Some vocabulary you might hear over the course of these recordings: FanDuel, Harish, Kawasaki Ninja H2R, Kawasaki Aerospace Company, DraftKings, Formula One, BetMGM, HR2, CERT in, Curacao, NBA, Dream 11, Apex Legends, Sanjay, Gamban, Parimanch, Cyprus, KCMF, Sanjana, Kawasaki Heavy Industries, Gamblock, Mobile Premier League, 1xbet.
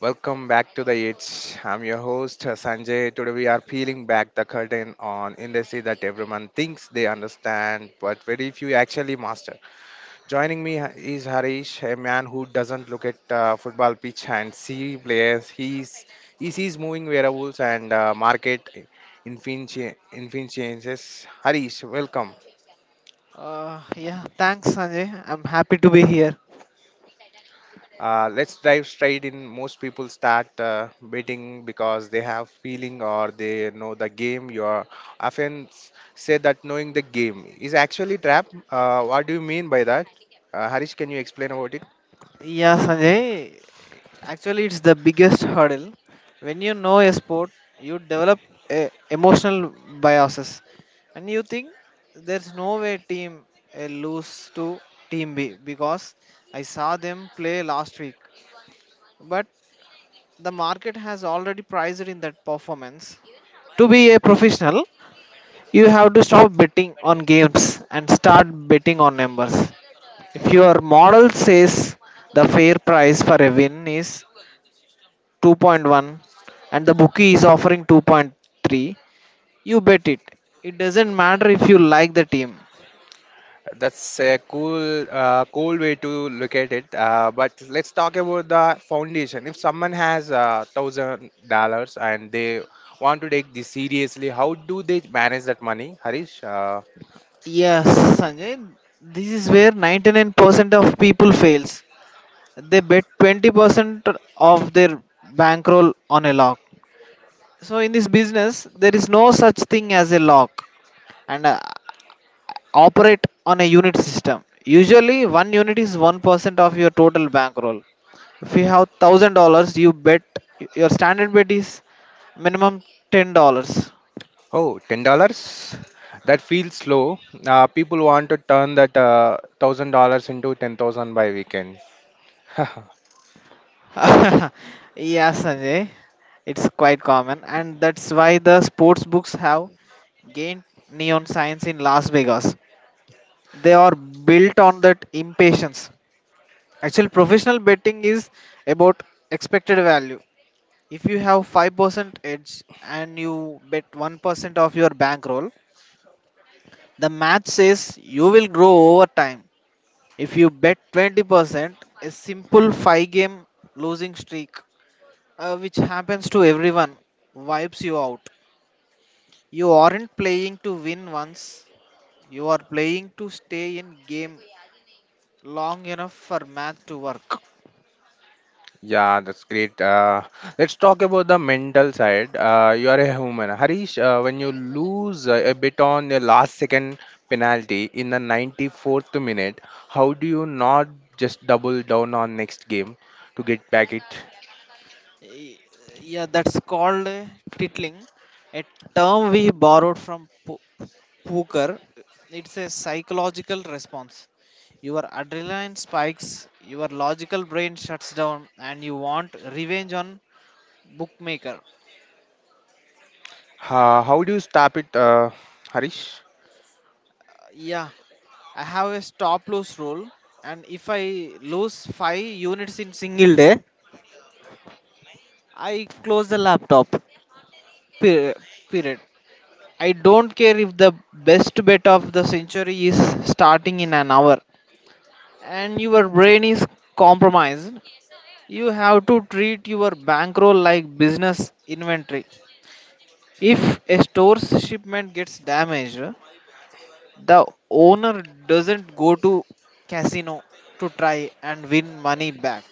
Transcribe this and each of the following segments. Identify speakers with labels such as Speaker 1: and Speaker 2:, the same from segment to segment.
Speaker 1: Welcome back to the It's. I'm your host Sanjay. Today we are peeling back the curtain on industry that everyone thinks they understand, but very few actually master. Joining me is Harish, a man who doesn't look at football pitch and see players. He sees moving variables and market changes. Harish, welcome.
Speaker 2: Yeah, thanks, Sanjay. I'm happy to be here.
Speaker 1: Let's dive straight in. Most people start betting because they have feeling or they know the game. You are often say that knowing the game is actually trap. What do you mean by that? Harish, can you explain about it?
Speaker 2: Yeah, Sanjay, actually, it's the biggest hurdle. When you know a sport, you develop a emotional biases, and you think there's no way team A lose to team B because I saw them play last week. But the market has already priced in that performance. To be a professional, you have to stop betting on games and start betting on numbers. If your model says the fair price for a win is 2.1 and the bookie is offering 2.3, you bet it. It doesn't matter if you like the team.
Speaker 1: That's a cool way to look at it. But let's talk about the foundation. If someone has $1,000 and they want to take this seriously, how do they manage that money, Harish?
Speaker 2: Yes, Sanjay, this is where 99% of people fails. They bet 20% of their bankroll on a lock. So in this business, there is no such thing as a lock, and operate on a unit system. Usually, one unit is 1% of your total bankroll. If you have $1,000, you bet your standard bet is minimum $10.
Speaker 1: Oh, $10. That feels low. People want to turn that $1,000 into 10,000 by weekend.
Speaker 2: Yeah, Sanjay, it's quite common, and that's why the sports books have gained neon signs in Las Vegas. They are built on that impatience. Actually, professional betting is about expected value. If you have 5% edge and you bet 1% of your bankroll, the math says you will grow over time. If you bet 20%, a simple 5 game losing streak, which happens to everyone, wipes you out. You aren't playing to win once, you are playing to stay in game long enough for math to work.
Speaker 1: Yeah, that's great. Let's talk about the mental side. You are a human, Harish, when you lose a bit on your last second penalty in the 94th minute, how do you not just double down on next game to get back it?
Speaker 2: Y- Yeah, that's called titling, a term we borrowed from poker. It's a psychological response. Your adrenaline spikes, your logical brain shuts down, and you want revenge on bookmaker.
Speaker 1: How do you stop it, Harish?
Speaker 2: Yeah, I have a stop loss rule, and if I lose 5 units in single day, I close the laptop. Period. Period. I don't care if the best bet of the century is starting in an hour and your brain is compromised. You have to treat your bankroll like business inventory. If a store's shipment gets damaged, the owner doesn't go to casino to try and win money back.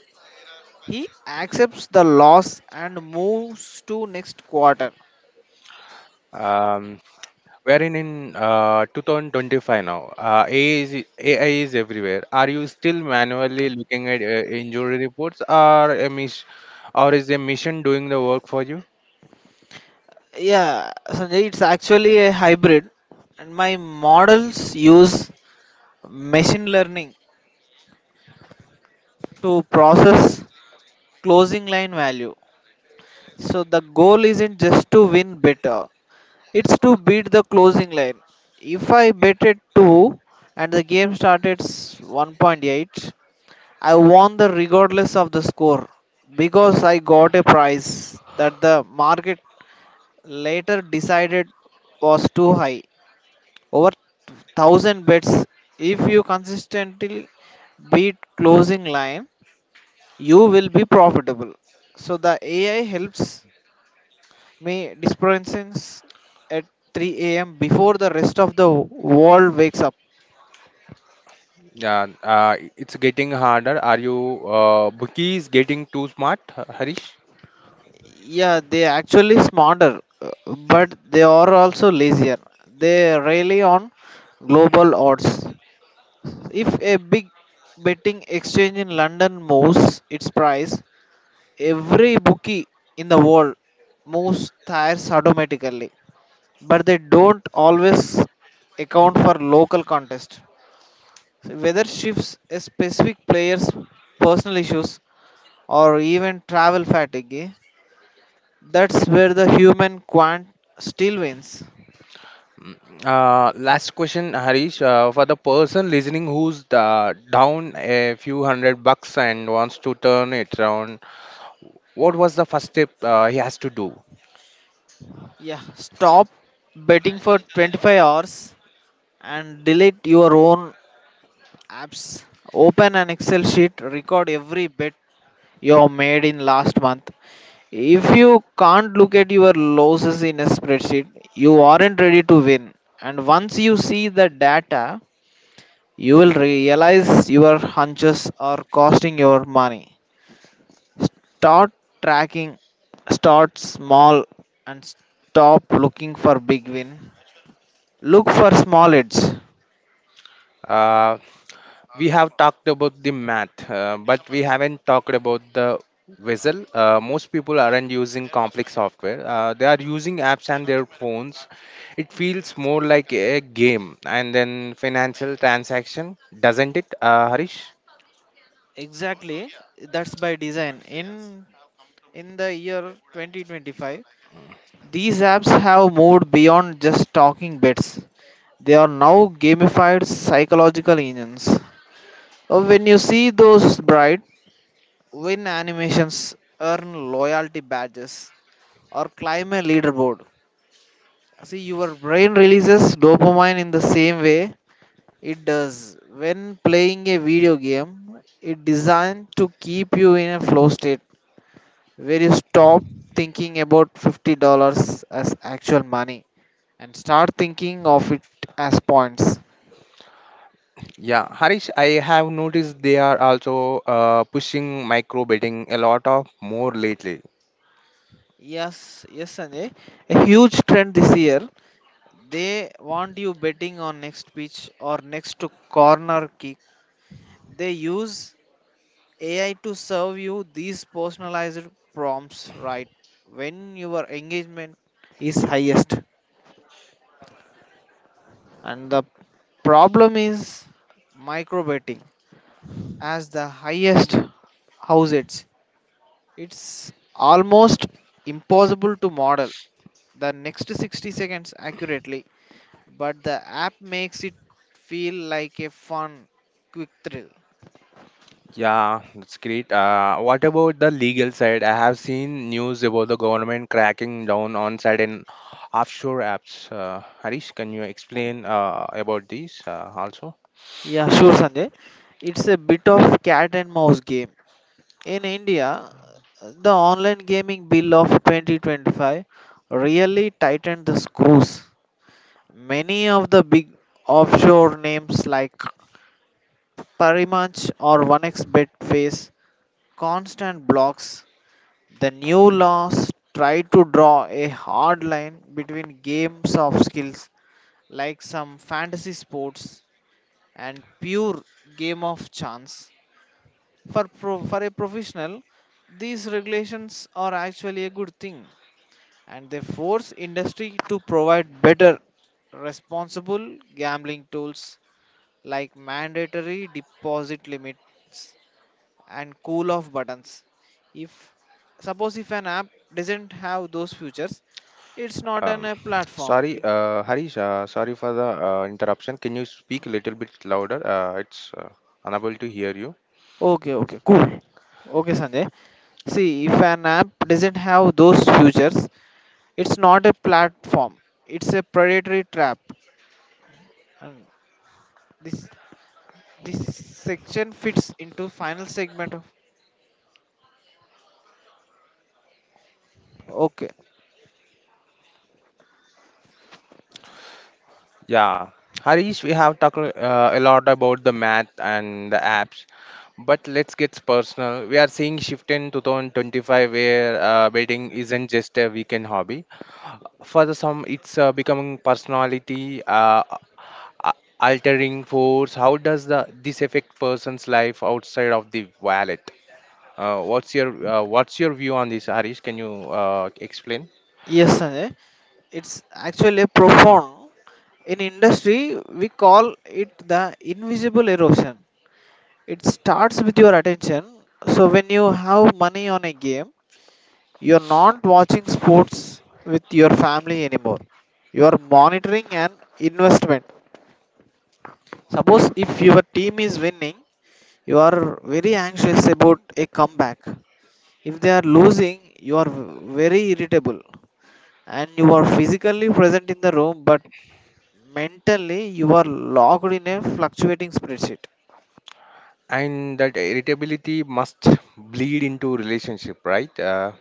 Speaker 2: He accepts the loss and moves to next quarter.
Speaker 1: Um, Wherein in 2025 now, AI is everywhere. Are you still manually looking at injury reports, or is a mission doing the work for you?
Speaker 2: Yeah, Sanjay, it's actually a hybrid, and my models use machine learning to process closing line value. So the goal isn't just to win better, it's to beat the closing line. If I bet at 2 and the game started 1.8, I won the regardless of the score, because I got a price that the market later decided was too high. Over 1,000 bets, if you consistently beat closing line, you will be profitable. So the ai helps me dispense at 3 a.m. before the rest of the world wakes up.
Speaker 1: Yeah, it's getting harder. Are you bookies getting too smart, Harish?
Speaker 2: Yeah, they actually smarter, uh, but they are also lazier. They rely on global odds. If a big betting exchange in London moves its price, every bookie in the world moves tires automatically, but they don't always account for local contests. Weather shifts, a specific player's personal issues, or even travel fatigue. That's where the human quant still wins.
Speaker 1: Last question, Harish. For the person listening who's down a few hundred bucks and wants to turn it around, what was the first step he has to do?
Speaker 2: Yeah, stop betting for 25 hours and delete your own apps. Open an excel sheet, record every bet you made in last month. If you can't look at your losses in a spreadsheet, you aren't ready to win. And once you see the data, you will realize your hunches are costing your money. Start tracking, start small, and stop looking for big win, look for small hits.
Speaker 1: Uh, we have talked about the math, but we haven't talked about the vessel. Most people aren't using complex software. They are using apps and their phones. It feels more like a game and then financial transaction, doesn't it, Harish?
Speaker 2: Exactly, that's by design. In the year 2025, these apps have moved beyond just talking bets. They are now gamified psychological engines. When you see those bright win animations, earn loyalty badges, or climb a leaderboard, see your brain releases dopamine in the same way it does when playing a video game. It's designed to keep you in a flow state where you stop thinking about $50 as actual money and start thinking of it as points.
Speaker 1: Yeah, Harish, I have noticed they are also pushing micro betting a lot of more lately.
Speaker 2: Yes, yes, Sanjay. A huge trend this year. They want you betting on next pitch or next to corner kick. They use AI to serve you these personalized prompts right when your engagement is highest. And the problem is micro betting. As the highest houses. It's almost impossible to model the next 60 seconds accurately, but the app makes it feel like a fun, quick thrill.
Speaker 1: Yeah, that's great. What about the legal side? I have seen news about the government cracking down on certain offshore apps. Harish, can you explain about these also?
Speaker 2: Yeah, sure, Sanjay. It's a bit of cat and mouse game. In India, the online gaming bill of 2025 really tightened the screws. Many of the big offshore names like Parimanch or 1x bet face constant blocks. The new laws try to draw a hard line between games of skills like some fantasy sports and pure game of chance. For a professional, these regulations are actually a good thing, and they force industry to provide better responsible gambling tools like mandatory deposit limits and cool off buttons. If suppose if an app doesn't have those features, it's not an
Speaker 1: Um,
Speaker 2: a platform,
Speaker 1: Sorry,
Speaker 2: it's
Speaker 1: Harish, sorry for the interruption. Can you speak a little bit louder? It's unable to hear you.
Speaker 2: okay. Okay, cool. Okay, Sanjay, see, if an app doesn't have those features, it's not a platform, it's a predatory trap. And this this section fits into final segment of. Okay.
Speaker 1: Yeah, Harish, we have talked a lot about the math and the apps, but let's get personal. We are seeing shift in 2025 where betting isn't just a weekend hobby. For the some, it's becoming personality a- altering force. How does the this affect person's life outside of the wallet? What's your view on this, Harish? Can you explain?
Speaker 2: Yes, Sanjay, it's actually a profound. In industry we call it the invisible erosion. It starts with your attention. So when you have money on a game, you're not watching sports with your family anymore. You are monitoring an investment. Suppose if your team is winning, you are very anxious about a comeback. If they are losing, you are very irritable, and you are physically present in the room but mentally you are locked in a fluctuating spreadsheet.
Speaker 1: And that irritability must bleed into relationship, right?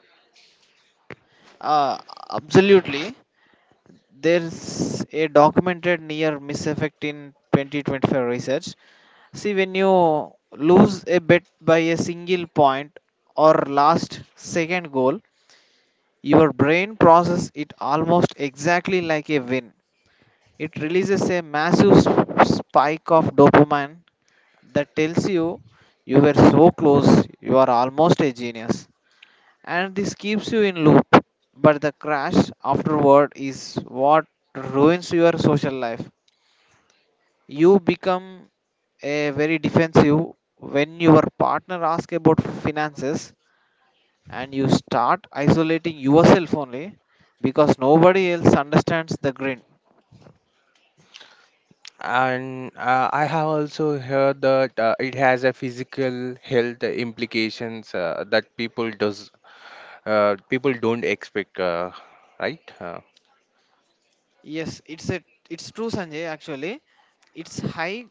Speaker 2: Uh, Absolutely. There's a documented near miss effect in 2025 research. See, when you lose a bet by a single point or last second goal, your brain processes it almost exactly like a win. It releases a massive spike of dopamine that tells you you were so close, you are almost a genius. And this keeps you in loop. But the crash afterward is what ruins your social life. You become a very defensive when your partner asks about finances, and you start isolating yourself only because nobody else understands the grin.
Speaker 1: And I have also heard that it has a physical health implications that people don't expect, right?
Speaker 2: Yes, it's true, Sanjay, actually. It's high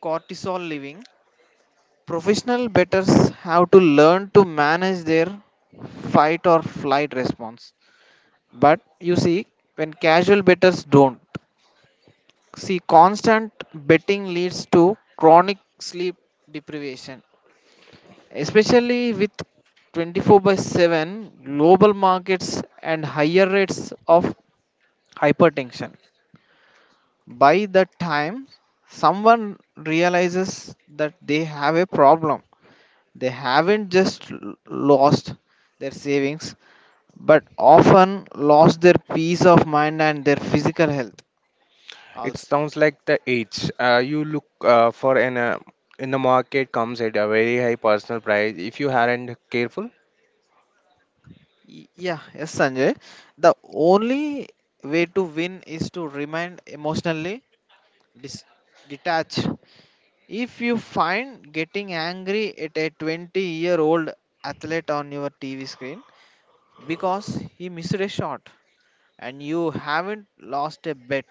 Speaker 2: cortisol living. Professional betters have to learn to manage their fight or flight response. But you see, when casual betters don't. See, constant betting leads to chronic sleep deprivation, especially with 24 by 7 global markets and higher rates of hypertension. By the time someone realizes that they have a problem, they haven't just lost their savings, but often lost their peace of mind and their physical health
Speaker 1: It
Speaker 2: also.
Speaker 1: sounds like the age you look for an in the market comes at a very high personal price if you aren't careful.
Speaker 2: Yeah, yes, Sanjay. The only way to win is to remain emotionally dis- detached. If you find getting angry at a 20-year-old athlete on your TV screen because he missed a shot and you haven't lost a bet,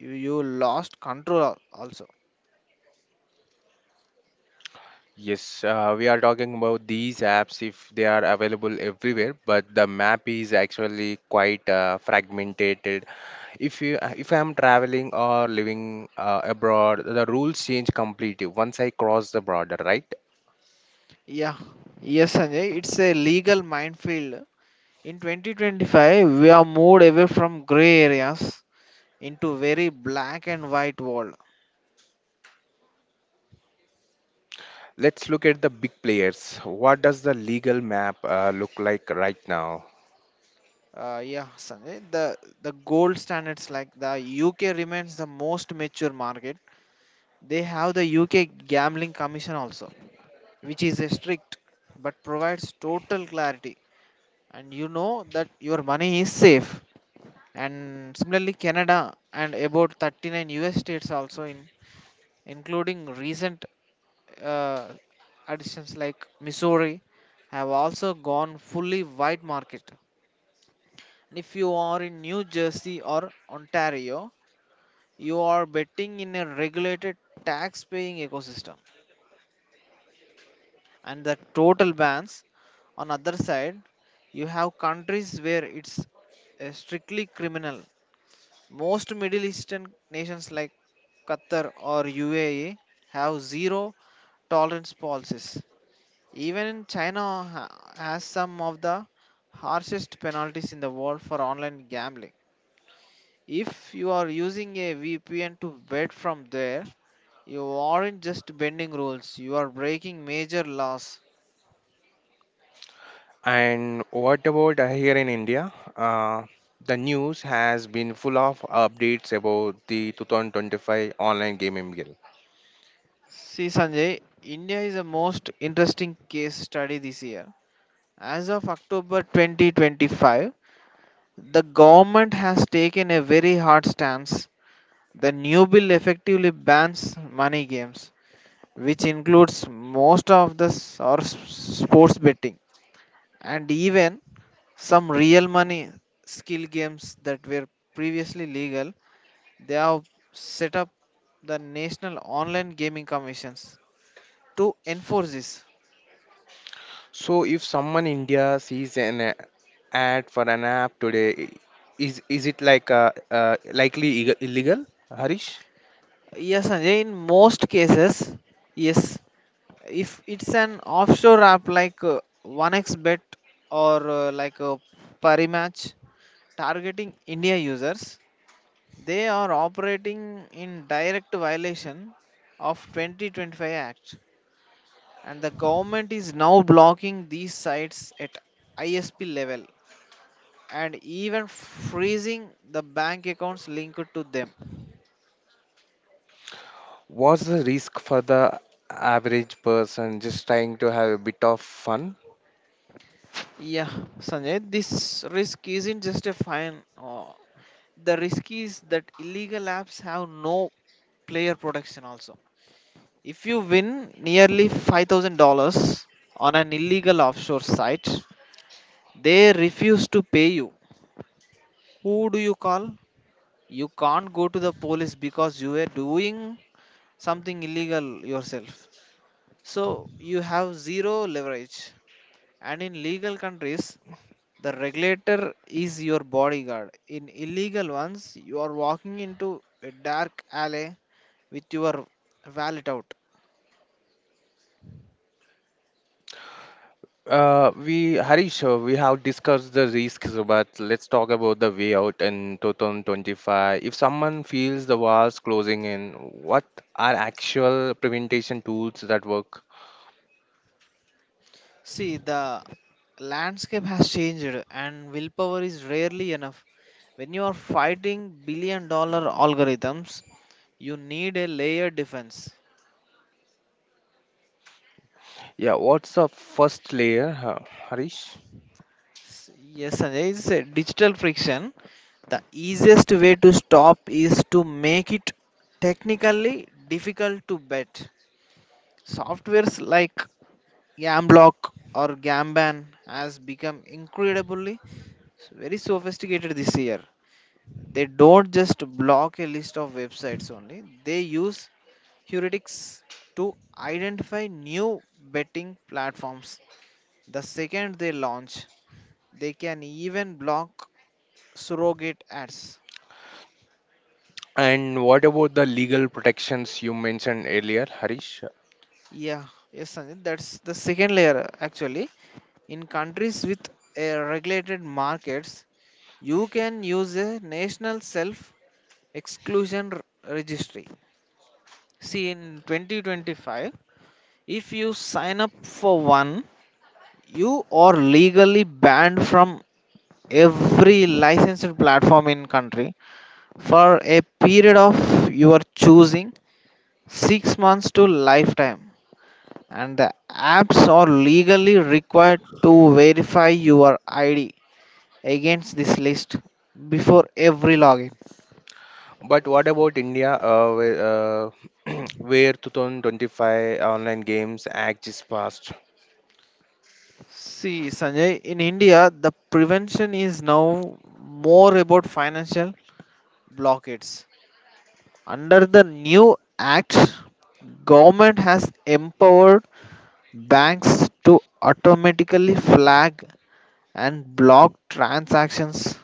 Speaker 2: you lost control also.
Speaker 1: Yes, we are talking about these apps if they are available everywhere, but the map is actually quite fragmented. If I am traveling or living abroad, the rules change completely once I cross the border, right?
Speaker 2: Yeah, yes, Sanjay, it's a legal minefield. In 2025, we are moved away from gray areas into very black and white world.
Speaker 1: Let's look at the big players. What does the legal map look like right now?
Speaker 2: Yeah, Sanjay, the gold standards like the UK remains the most mature market. They have the UK Gambling Commission also, which is a strict but provides total clarity, and you know that your money is safe. And similarly, Canada and about 39 US states also in including recent uh, additions like Missouri have also gone fully white market. And if you are in New Jersey or Ontario, you are betting in a regulated tax paying ecosystem. And the total bans, on other side, you have countries where it's strictly criminal. Most Middle Eastern nations like Qatar or UAE have zero tolerance policies. Even China ha- has some of the harshest penalties in the world for online gambling. If you are using a VPN to bet from there, you aren't just bending rules, you are breaking major laws.
Speaker 1: And what about here in India? The news has been full of updates about the 2025 online gaming bill.
Speaker 2: See, Sanjay, India is a most interesting case study this year. As of October 2025, the government has taken a very hard stance. The new bill effectively bans money games, which includes most of the sports betting and even some real money skill games that were previously legal. They have set up the national online gaming commissions to enforce this.
Speaker 1: So if someone India sees an ad for an app today, is it like likely illegal, Harish?
Speaker 2: Yes, Sanjay, in most cases yes. If it's an offshore app like 1xbet or like a Parimatch targeting India users, they are operating in direct violation of 2025 act. And the government is now blocking these sites at ISP level, and even freezing the bank accounts linked to them.
Speaker 1: What's the risk for the average person just trying to have a bit of fun?
Speaker 2: Yeah, Sanjay, this risk isn't just a fine. The risk is that illegal apps have no player protection also. If you win nearly $5,000 on an illegal offshore site, they refuse to pay you. Who do you call? You can't go to the police because you were doing something illegal yourself. So you have zero leverage. And in legal countries, the regulator is your bodyguard. In illegal ones, you are walking into a dark alley with your wallet out.
Speaker 1: We Harish, we have discussed the risks, but let's talk about the way out in 2025. If someone feels the walls closing in, what are actual prevention tools that work?
Speaker 2: See, the landscape has changed and willpower is rarely enough. When you are fighting billion dollar algorithms, you need a layered defense.
Speaker 1: Yeah, what's the first layer, Harish?
Speaker 2: Yes, Sanjay, it's a digital friction. The easiest way to stop is to make it technically difficult to bet. Softwares like Gamblock or Gamban has become very sophisticated this year. They don't just block a list of websites only, they use heuristics to identify new betting platforms. The second they launch, they can even block surrogate ads.
Speaker 1: And what about the legal protections you mentioned earlier, Harish?
Speaker 2: Yeah, yes, Sanjit, that's the second layer actually. In countries with regulated markets, you can use a national self exclusion registry. See, in 2025, if you sign up for one, you are legally banned from every licensed platform in country for a period of your choosing, 6 months to lifetime, and the apps are legally required to verify your ID against this list before every login.
Speaker 1: But what about India, where 2025 Online Games Act is passed?
Speaker 2: See, Sanjay, in India, the prevention is now more about financial blockades. Under the new act, government has empowered banks to automatically flag and block transactions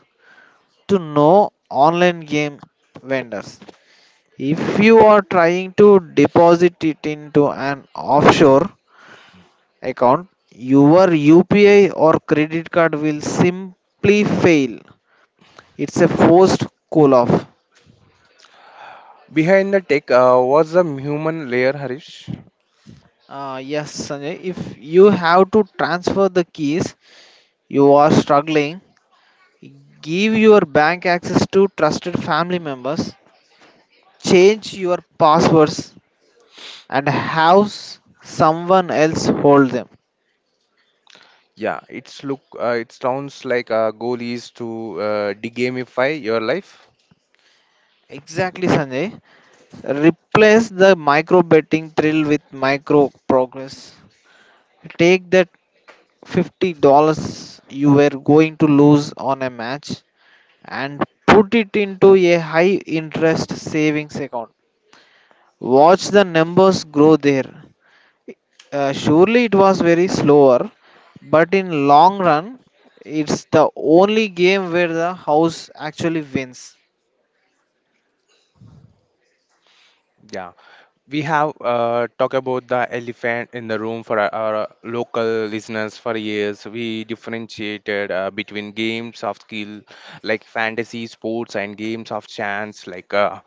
Speaker 2: to no online game vendors. If you are trying to deposit it into an offshore account, your UPI or credit card will simply fail. It's a forced call off.
Speaker 1: Behind the tech was the human layer, Harish.
Speaker 2: Yes, Sanjay, if you have to transfer the keys, you are struggling. Give your bank access to trusted family members, change your passwords, and have someone else hold them.
Speaker 1: Yeah, it's look. It sounds like a goal is to degamify your life.
Speaker 2: Exactly, Sanjay. Replace the micro betting thrill with micro progress. Take that $50 you were going to lose on a match and put it into a high interest savings account. Watch the numbers grow there. Surely it was very slower, but in long run, it's the only game where the house actually wins.
Speaker 1: Yeah, we have talked about the elephant in the room for our local listeners for years. We differentiated between games of skill like fantasy sports and games of chance like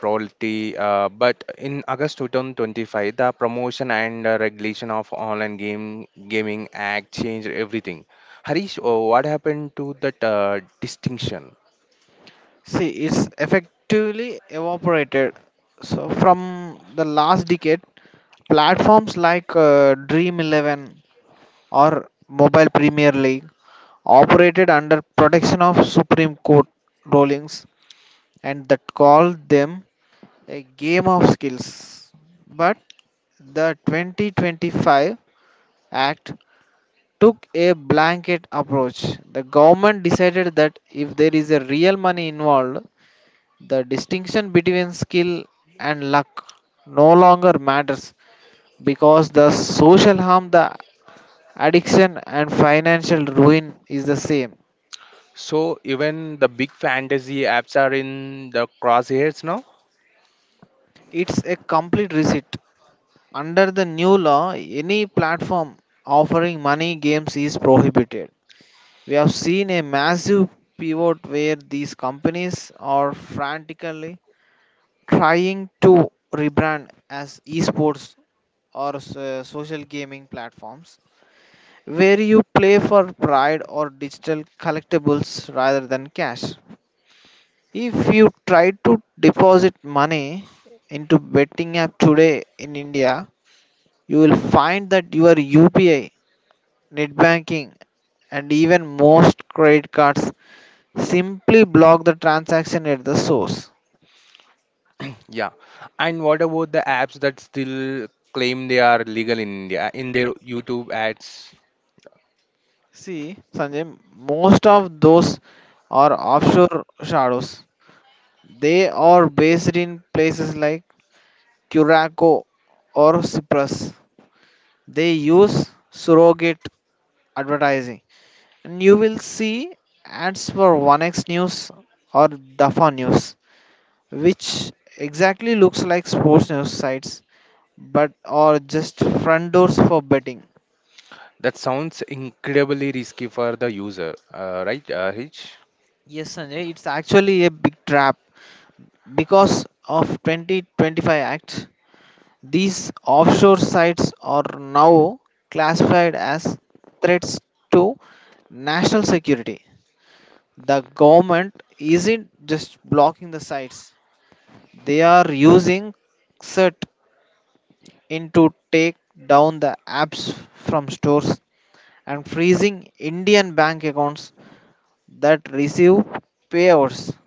Speaker 1: royalty. But in August 2025, the promotion and regulation of online game gaming act changed everything. Harish, what happened to that distinction?
Speaker 2: See, it's effectively evaporated. So, from the last decade, platforms like Dream 11 or Mobile Premier League operated under protection of Supreme Court rulings and that called them a game of skills. But the 2025 Act took a blanket approach. The government decided that if there is a real money involved, the distinction between skill and luck no longer matters because the social harm, the addiction, and financial ruin is the same.
Speaker 1: So even the big fantasy apps are in the crosshairs now.
Speaker 2: It's a complete reset. Under the new law, any platform offering money games is prohibited. We have seen a massive pivot where these companies are frantically trying to rebrand as esports or social gaming platforms where you play for pride or digital collectibles rather than cash. If you try to deposit money into betting app today in India, you will find that your UPI, net banking, and even most credit cards simply block the transaction at the source.
Speaker 1: Yeah. And what about the apps that still claim they are legal in India in their YouTube ads?
Speaker 2: See, Sanjay, most of those are offshore shadows. They are based in places like Curacao or Cyprus. They use surrogate advertising. And you will see ads for 1x News or Dafa News, which exactly looks like sports news sites but are just front doors for betting.
Speaker 1: That sounds incredibly risky for the user, right, Rich?
Speaker 2: Yes, Sanjay, it's actually a big trap because of 2025 Act. These offshore sites are now classified as threats to national security. The government isn't just blocking the sites, they are using CERT in to take down the apps from stores and freezing Indian bank accounts that receive payouts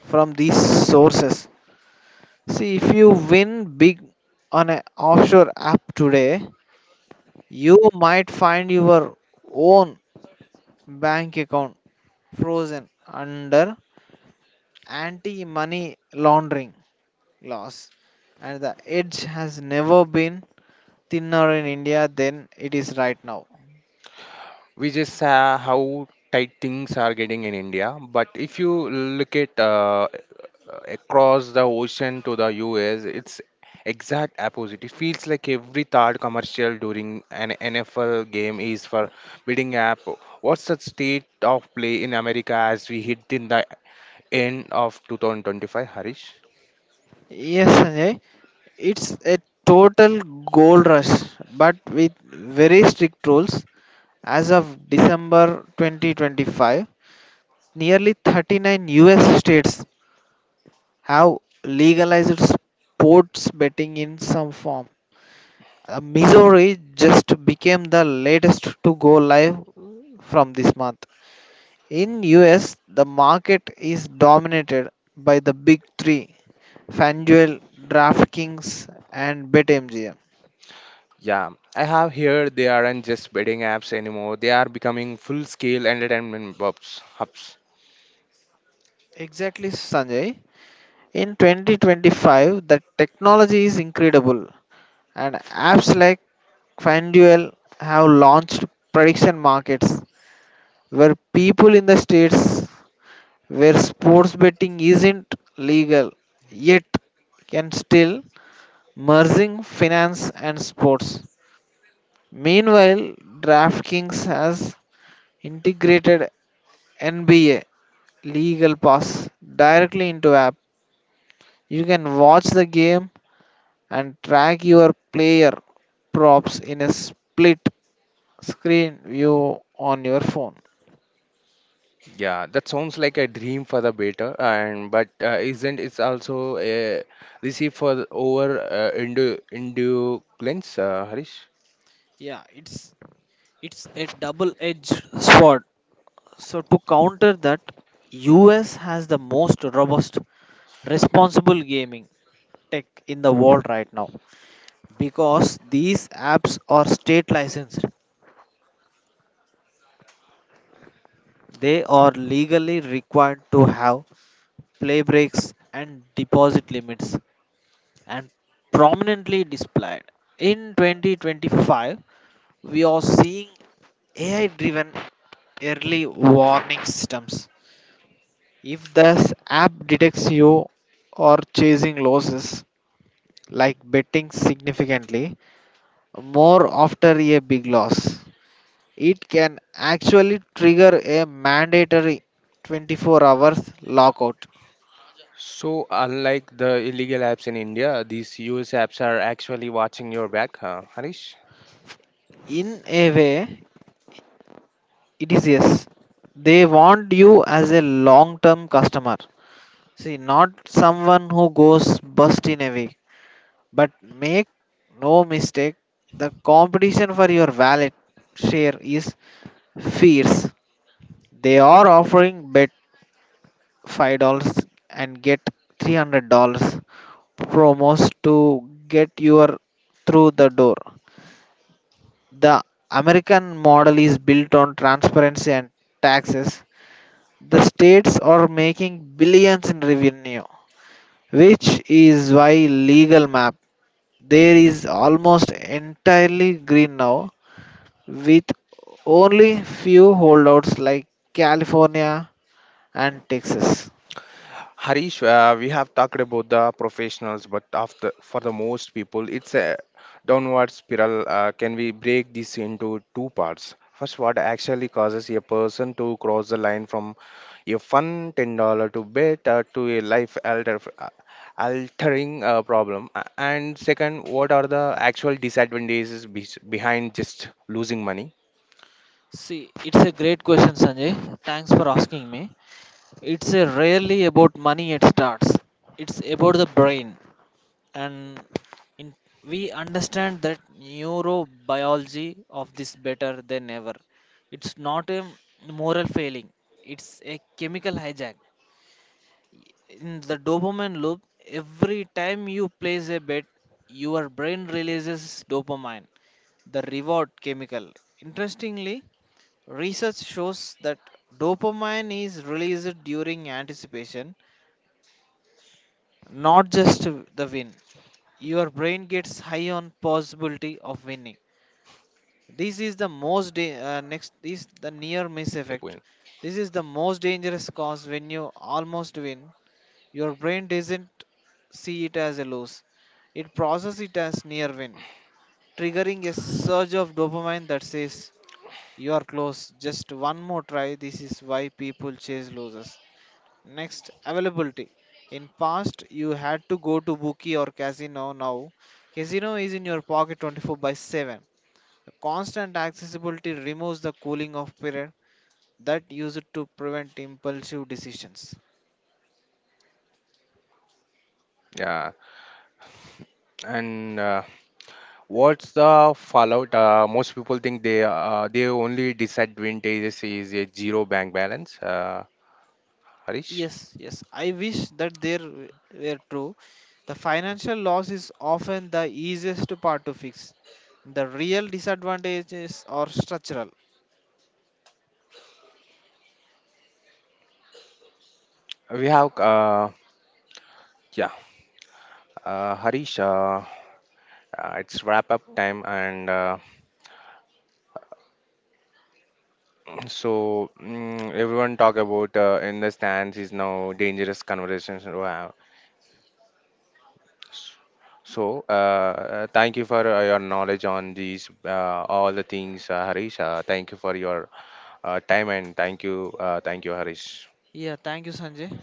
Speaker 2: from these sources. See, if you win big on an offshore app today, you might find your own bank account frozen under anti money laundering laws, and the edge has never been thinner in India than it is right now.
Speaker 1: We just saw how tight things are getting in India, but if you look at across the ocean to the US, it's exact opposite. It feels like every third commercial during an NFL game is for bidding app. What's the state of play in America as we hit in the end of 2025, Harish.
Speaker 2: Yes, Sanjay, it's a total gold rush, but with very strict rules. As of December 2025, nearly 39 US states have legalized sports betting in some form. Missouri just became the latest to go live from this month. In US, the market is dominated by the big 3, FanDuel, DraftKings and BetMGM.
Speaker 1: Yeah, I have heard they aren't just betting apps anymore. They are becoming full-scale entertainment hubs.
Speaker 2: Exactly, Sanjay. In 2025, the technology is incredible and apps like FanDuel have launched prediction markets where people in the states where sports betting isn't legal yet can still, merging finance and sports. Meanwhile, DraftKings has integrated NBA legal pass directly into app. You can watch the game and track your player props in a split screen view on your phone.
Speaker 1: Yeah, that sounds like a dream for the beta, and but isn't it also a receipt for over Indo cleanse, Harish?
Speaker 2: Yeah, it's a double-edged sword. So to counter that, US has the most robust responsible gaming tech in the world right now because these apps are state licensed. They are legally required to have play breaks and deposit limits and prominently displayed. In 2025, we are seeing AI driven early warning systems. If this app detects you or chasing losses, like betting significantly more after a big loss, it can actually trigger a mandatory 24 hours lockout.
Speaker 1: So unlike the illegal apps in India, these US apps are actually watching your back, huh, Harish?
Speaker 2: In a way, it is yes. They want you as a long term customer. See, not someone who goes bust in a week. But make no mistake, the competition for your wallet share is fierce. They are offering bet $5 and get $300 promos to get your through the door. The American model is built on transparency and taxes. The states are making billions in revenue which is why legal map there is almost entirely green now with only few holdouts like California and Texas.
Speaker 1: Harish, we have talked about the professionals, but after for the most people, it's a downward spiral. Can we break this into two parts? First, what actually causes a person to cross the line from a fun $10 to bet to a life altering problem, and second, what are the actual disadvantages behind just losing money?
Speaker 2: See, it's a great question, Sanjay. Thanks for asking me. It's a rarely about money it starts. It's about the brain. And in, we understand that neurobiology of this better than ever. It's not a moral failing, it's a chemical hijack in the dopamine loop. Every time you place a bet your brain releases dopamine, the reward chemical. Interestingly, research shows that dopamine is released during anticipation, not just the win. Your brain gets high on possibility of winning. This is the most da- Next is the near miss effect. This is the most dangerous cause when you almost win your brain doesn't see it as a loss, it processes it as near win, triggering a surge of dopamine that says you are close, just one more try. This is why people chase losers. Next, availability. In past, you had to go to bookie or casino. Now, casino is in your pocket 24 by 7. The constant accessibility removes the cooling off period that used to prevent impulsive decisions.
Speaker 1: Yeah, and what's the fallout? Most people think they only disadvantages is a zero bank balance. Harish,
Speaker 2: Yes, I wish that were true. The financial loss is often the easiest part to fix. The real disadvantages are structural.
Speaker 1: we have yeah, Harish. It's wrap up time, and so everyone talk about in the stands is now dangerous conversations to have. So thank you for your knowledge on these all the things, Harish. Thank you for your time and thank you, Harish.
Speaker 2: Yeah, thank you, Sanjay.